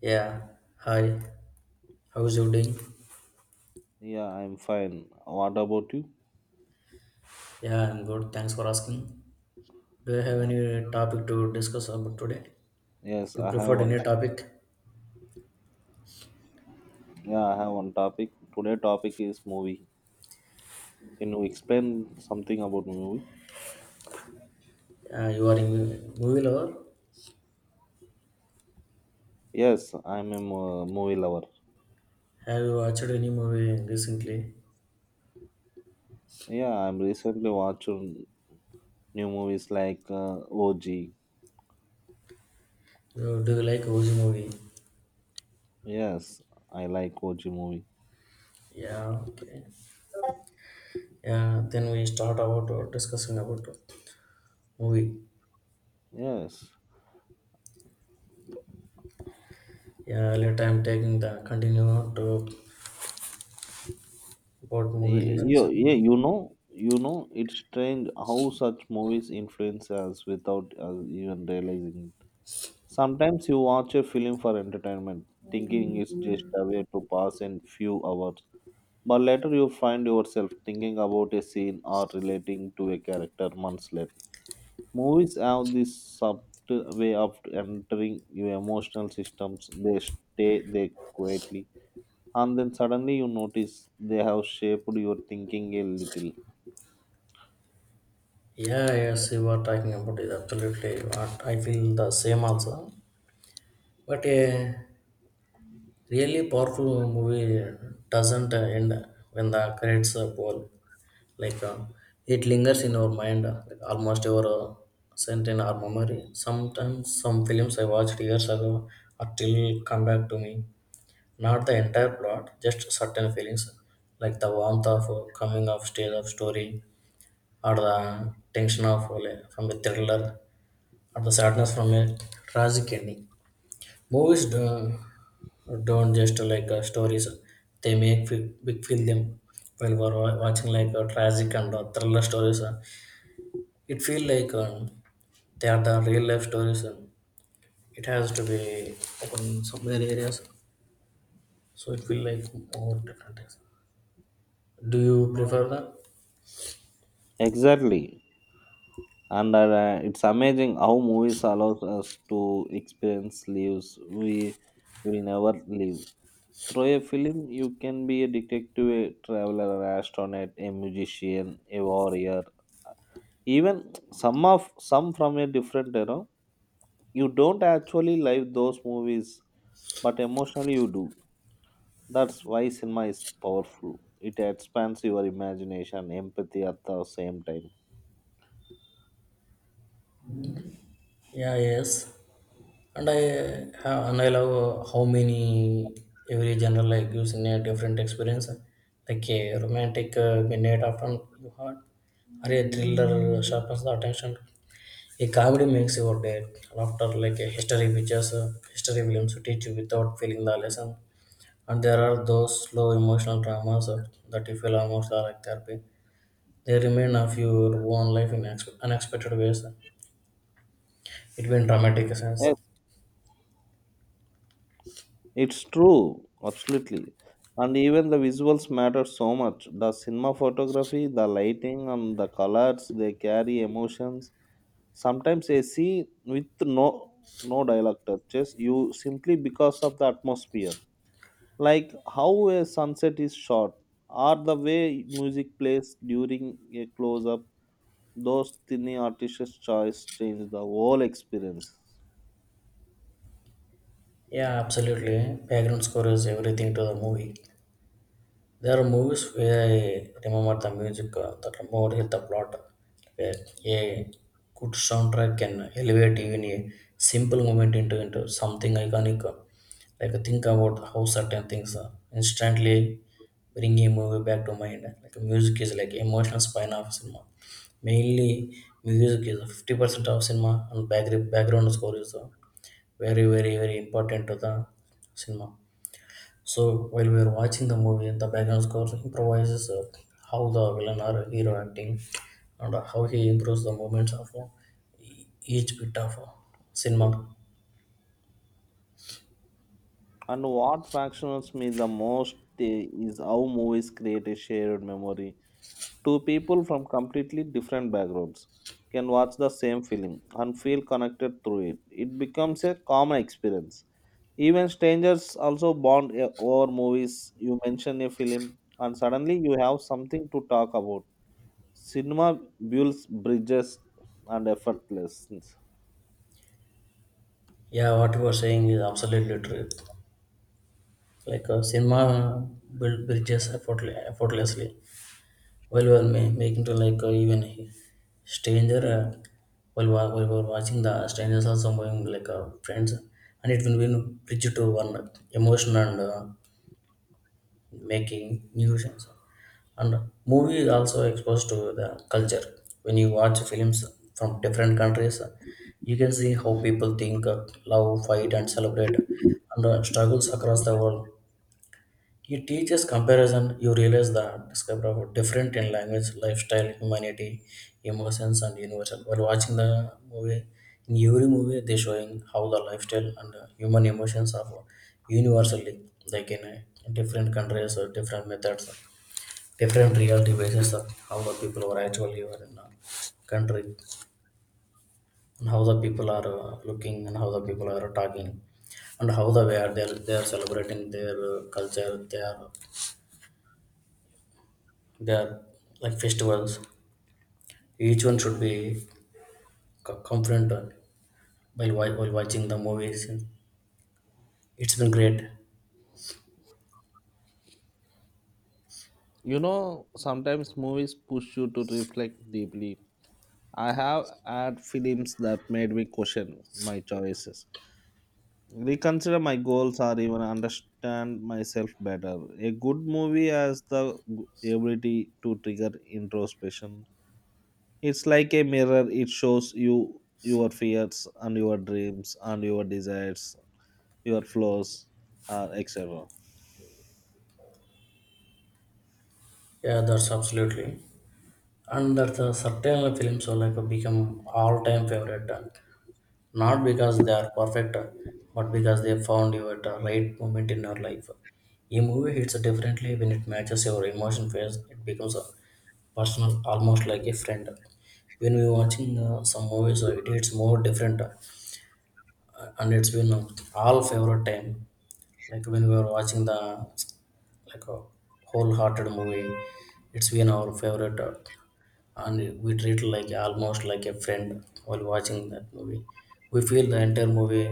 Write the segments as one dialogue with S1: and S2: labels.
S1: Yeah, hi. How's you doing?
S2: Yeah, I'm fine. What about you?
S1: Yeah, I'm good. Thanks for asking. Do you have
S2: Yeah.
S1: any topic to discuss about today?
S2: Yes,
S1: You
S2: I have
S1: preferred
S2: one.
S1: any topic?
S2: Yeah, I have one topic. Today topic is movie. Can you explain something about movie?
S1: You are a movie lover?
S2: Yes, I'm a movie lover.
S1: Have you watched any movie recently?
S2: Yeah, I'm recently watching new movies like OG.
S1: Do you like whose movie?
S2: Yes, I like OG movie.
S1: Yeah, okay. Yeah, then we start about discussing about movie.
S2: Yes.
S1: Yeah, later I'm taking the continue to about movie
S2: Y- You,
S1: lessons.
S2: yeah, you know, you know, it's strange how such movies influence us without us even realizing it. Sometimes you watch a film for entertainment, thinking it's just a way to pass in few hours. But later you find yourself thinking about a scene or relating to a character months later. Movies have this subtle way of entering your emotional systems. They stay there quietly, and then suddenly you notice they have shaped your thinking a little.
S1: Yeah, yes, you are talking about it. Absolutely, what I feel the same also. But a really powerful movie doesn't end when the credits roll. Like it lingers in our mind, like almost ever sent in our memory. Sometimes some films I watched years ago are still come back to me. Not the entire plot, just certain feelings, like the warmth of coming of stage of story, or the tension of from a thriller, or the sadness from a tragic ending. Movies don't just like stories, they make big film. While we're watching like a tragic and thriller stories, it feel like they are the real life stories. And it has to be like in some other areas, so it feel like more different. Do you prefer that?
S2: Exactly. and It's amazing how movies allows us to experience lives we will never live. Through a film you can be a detective, a traveler, an astronaut, a musician, a warrior, even some of some from a different era. You don't actually live those movies, but emotionally you do. That's why cinema is powerful: it expands your imagination empathy at the same time.
S1: Yeah, yes. And I have, and I love how many every genre like gives in a different experience. Like a romantic midnight after you heard, or a thriller sharpens the attention. A comedy makes your day. Laughter like a history pictures, history films teach you without feeling the lesson. And there are those slow emotional dramas that you feel almost are like therapy. They remain of your own life in unexpected ways. It been dramatic sense.
S2: Yes, it's true, absolutely. And even the visuals matter so much. The cinema photography, the lighting, and the colors they carry emotions. Sometimes I see with no dialogue touches, you simply because of the atmosphere. Like how a sunset is shot, or the way music plays during a close up, those tiny artistic choice change the whole experience.
S1: Yeah, absolutely. Background score is everything to the movie. There are movies where I remember the music that more hit the plot. Where a good soundtrack can elevate even a simple moment into something iconic. Like think about how certain things instantly bring a movie back to mind. Like music is like emotional spine of cinema. Mainly music is 50% of cinema and back background score is very, very, very important to the cinema. So while we are watching the movie, the background score improvises how the villain or hero acting and how he improves the moments of each bit of cinema.
S2: And what fascinates me the most is how movies create a shared memory. Two people from completely different backgrounds can watch the same film and feel connected through it. It becomes a common experience. Even strangers also bond over movies. You mention a film, and suddenly you have something to talk about. Cinema builds bridges and effortlessness.
S1: Yeah, what you are saying is absolutely true. Like cinema built bridges effortlessly. While we were making to like even stranger while, while we were watching the strangers also moving like friends and it will be bridge to one emotion and making new sense. And movie is also exposed to the culture when you watch films from different countries you can see how people think love fight and celebrate and struggles across the world he teaches comparison, you realize that discover how different in language, lifestyle, humanity, emotions, and universal. While watching the movie, in every movie they showing how the lifestyle and human emotions are universally, like in different countries or different methods, different reality basis of how the people are actually are in a country, and how the people are looking, and how the people are talking, and how the way are they are celebrating their culture, they are like festivals. Each one should be confronted while, while watching the movies. It's been great.
S2: You know, sometimes movies push you to reflect deeply. I have had films that made me question my choices, reconsider my goals, or even understand myself better. A good movie has the ability to trigger introspection. It's like a mirror, it shows you your fears and your dreams and your desires, your flaws, etc.
S1: Yeah, that's absolutely. And that certain films are like become all-time favorite. Not because they are perfect, but because they found you at the right moment in your life. A movie hits differently when it matches your emotion phase. It becomes a personal, almost like a friend. When we're watching some movies, it hits more different. And it's been all favorite time like when we were watching the like a wholehearted movie it's been our favorite and we treat it like almost like a friend while watching that movie we feel the entire movie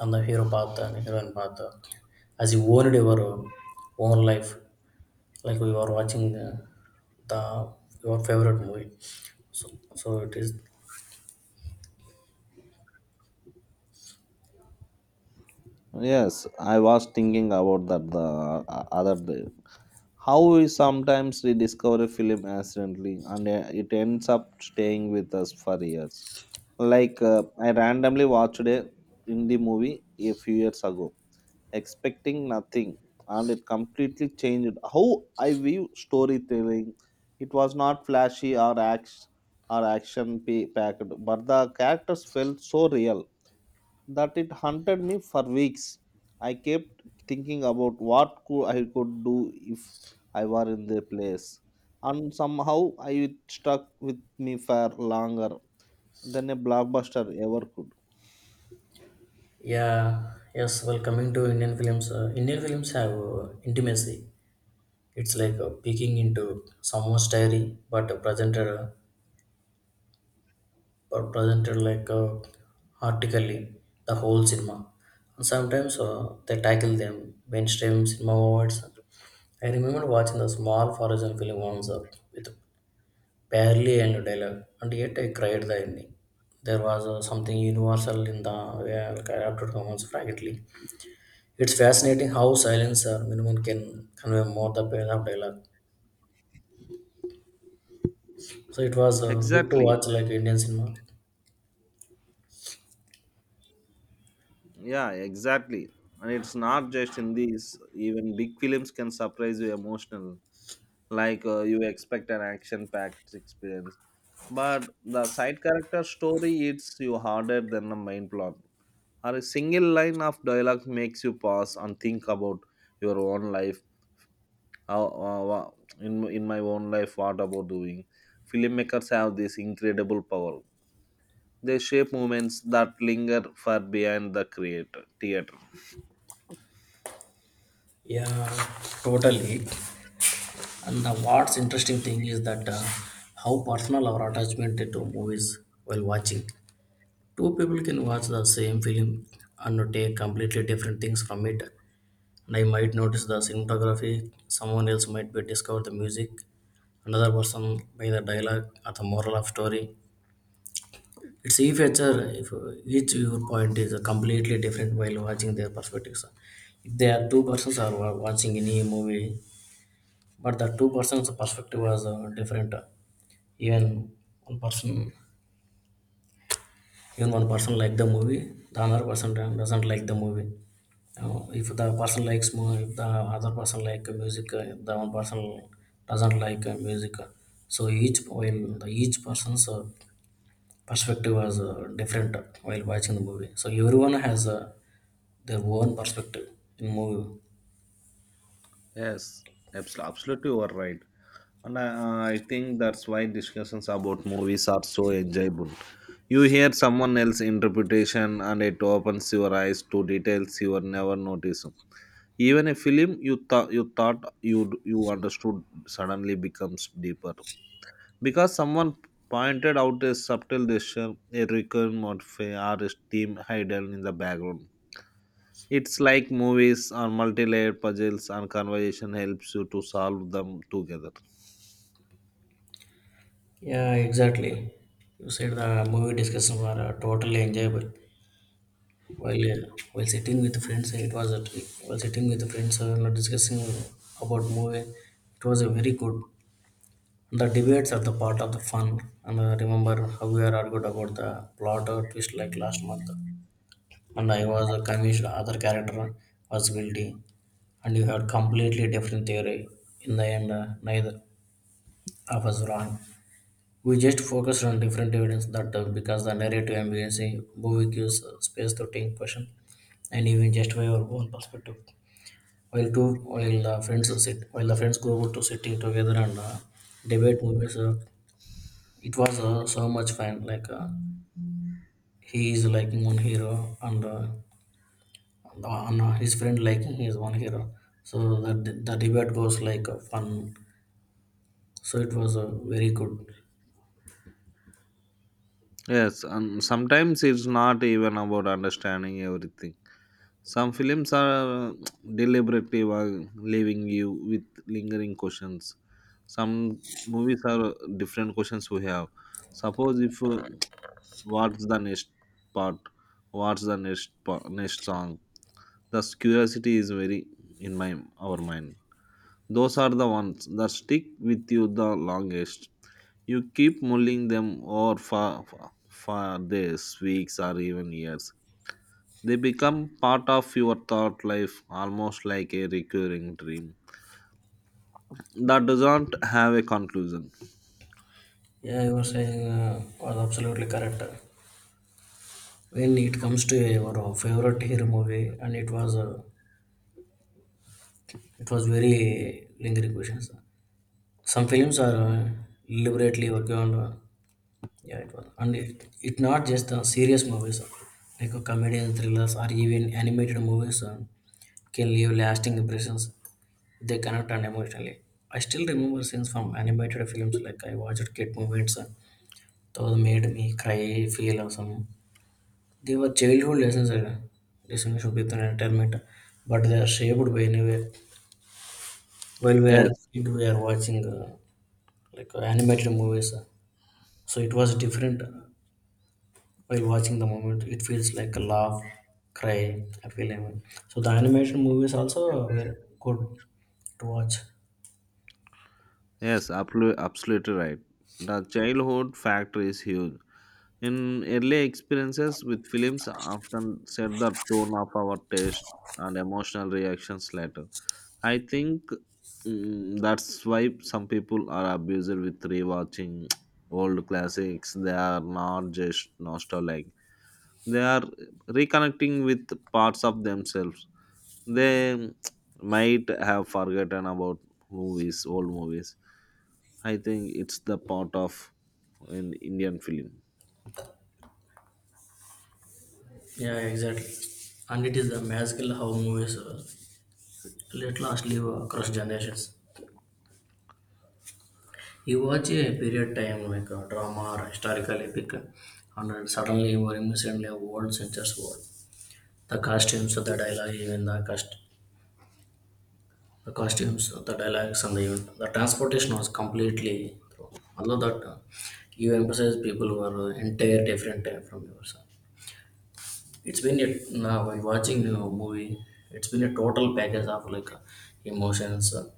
S1: and the hero path and heroine path as you owned your own life like we were watching the your favorite movie so, so it is
S2: Yes, I was thinking about that the other day. How we sometimes rediscover a film accidentally and it ends up staying with us for years. I randomly watched a indie movie a few years ago, expecting nothing, and it completely changed how I view storytelling. It was not flashy or action packed, but the characters felt so real that it haunted me for weeks. I kept thinking about what could I could do if I were in their place, and somehow I it stuck with me for longer than a blockbuster ever could.
S1: yeah yes well coming to indian films have intimacy. It's like peeking into someone's diary, but presented like artically the whole cinema. And sometimes they tackle them mainstream cinema awards. I remember watching a small foreign film once with barely any dialogue, and yet I cried the ending. There was something universal in the way I adapted humans frankly. It's fascinating how silence or minimum can convey more the pain of dialogue. So it was good to
S2: Exactly,
S1: watch like Indian cinema.
S2: yeah, exactly. And it's not just in these; even big films can surprise you emotional, like you expect an action-packed experience, but the side character story hits you harder than the main plot, or a single line of dialogue makes you pause and think about your own life. How- how- wha- in my own life, what about doing? Filmmakers have this incredible power. They shape moments that linger far beyond the creator theater.
S1: Yeah, totally. And the, what's interesting thing is that how personal our attachment to movies while watching. Two people can watch the same film and take completely different things from it. And I might notice the cinematography, someone else might be discover the music, another person by the dialogue or the moral of story. It's a feature if each your point is completely different while watching their perspectives. If there are two persons are watching any movie but the two persons perspective was different even one person even one person like the movie the another person doesn't like the movie. If the person likes movie if the other person like music if the one person doesn't like music so each while the each person's perspective was different while watching the movie so everyone has their own perspective in movie.
S2: Yes, absolutely, you are right. I think that's why discussions about movies are so enjoyable. You hear someone else's interpretation and it opens your eyes to details you were never noticed. Even a film you thought you understood suddenly becomes deeper because someone pointed out a subtle gesture, a recurrent motif, or a theme hidden in the background. It's like movies or multi-layered puzzles, and conversation helps you to solve them together.
S1: Yeah, exactly. You said the movie discussion were totally enjoyable while uh, while sitting with friends it was a while sitting with friends discussing about movie it was a very good. The debates are the part of the fun and I remember how we are argued about the plot or twist like last month and I was convinced the other character was guilty and you had completely different theory in the end neither of us wrong. We just focused on different evidence that because the narrative ambience movie gives space to think question and even justify our own perspective while two while the friends are sit while the friends go about to sitting together and debate movies it was so much fun like he is liking one hero and his friend liking his one hero so that the debate goes like fun so it was very good.
S2: Yes, and sometimes it's not even about understanding everything. Some films are deliberately leaving you with lingering questions. Some movies are different questions we have. Suppose if what's the next part? What's the next next song? The curiosity is very in my our mind. Those are the ones that stick with you the longest. You keep mulling them over for days, weeks, or even years. They become part of your thought life, almost like a recurring dream that doesn't have a conclusion.
S1: Yeah, you were saying was absolutely correct when it comes to your favorite hero movie and it was very lingering questions. Some films are deliberately working on yeah, it was. And it not just the serious movies, like comedian thrillers or even animated movies can leave lasting impressions. They connect and emotionally. I still remember scenes from animated films like I watched Kid Moments. Those made me cry, feel awesome. They were childhood lessons, distinction between entertainment, but they are shaped by anyway. While we are
S2: Yes,
S1: kid, we are watching like animated movies. So it was different. While watching the moment it feels like a laugh cry I feel I so the animation movies also were good to watch.
S2: yes, absolutely right. The childhood factor is huge. In early experiences with films, often set the tone of our taste and emotional reactions later. I think that's why some people are abused with rewatching old classics. They are not just nostalgic; they are reconnecting with parts of themselves they might have forgotten about. Movies, old movies, I think it's the part of an indian film.
S1: Yeah, exactly. And it is the magical how movies let last live across generations. You watch a period time like a drama or historical epic and then suddenly you are immersed in a world centuries world the costumes the dialogue even the cast. The costumes, the dialogues, and the event. The transportation was completely through. Although that you emphasize people who are entire different from yours. It's been a now while watching a movie. It's been a total package of like emotions,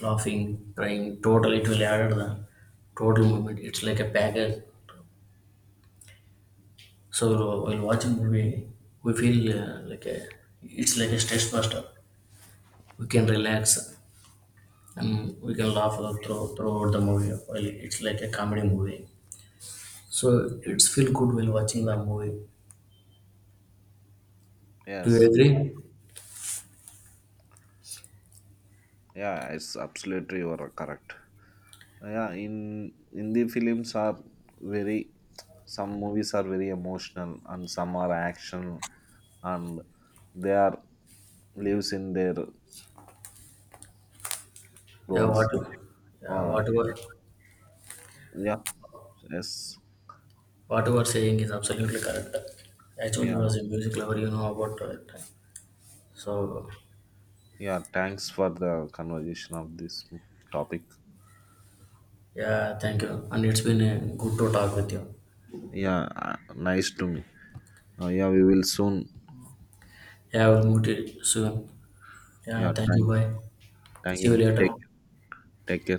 S1: laughing, crying. Total it will add the total moment. It's like a package. So while watching movie, we feel like a it's like a stress buster. We can relax and we can laugh all throughout the movie. Well, it's like a comedy movie, so it's feel good while watching the movie. Do
S2: Yes,
S1: you agree?
S2: yeah, it's absolutely you are correct. Yeah, in hindi films are very, some movies are very emotional and some are action, and they are lives in their
S1: Yeah, what,
S2: roles.
S1: yeah,
S2: uh,
S1: whatever, you
S2: yeah yes
S1: what you are saying is absolutely correct. Actually, I
S2: yeah
S1: was a music lover, you know about it. So,
S2: Yeah, thanks for the conversation of this topic.
S1: yeah, thank you, and it's been a good to talk with you.
S2: Yeah, nice to me. Yeah, we will soon.
S1: Yeah, we'll meet you soon.
S2: Yeah,
S1: Yeah, thank you. Bye.
S2: thank
S1: See you
S2: you.
S1: later.
S2: Take care.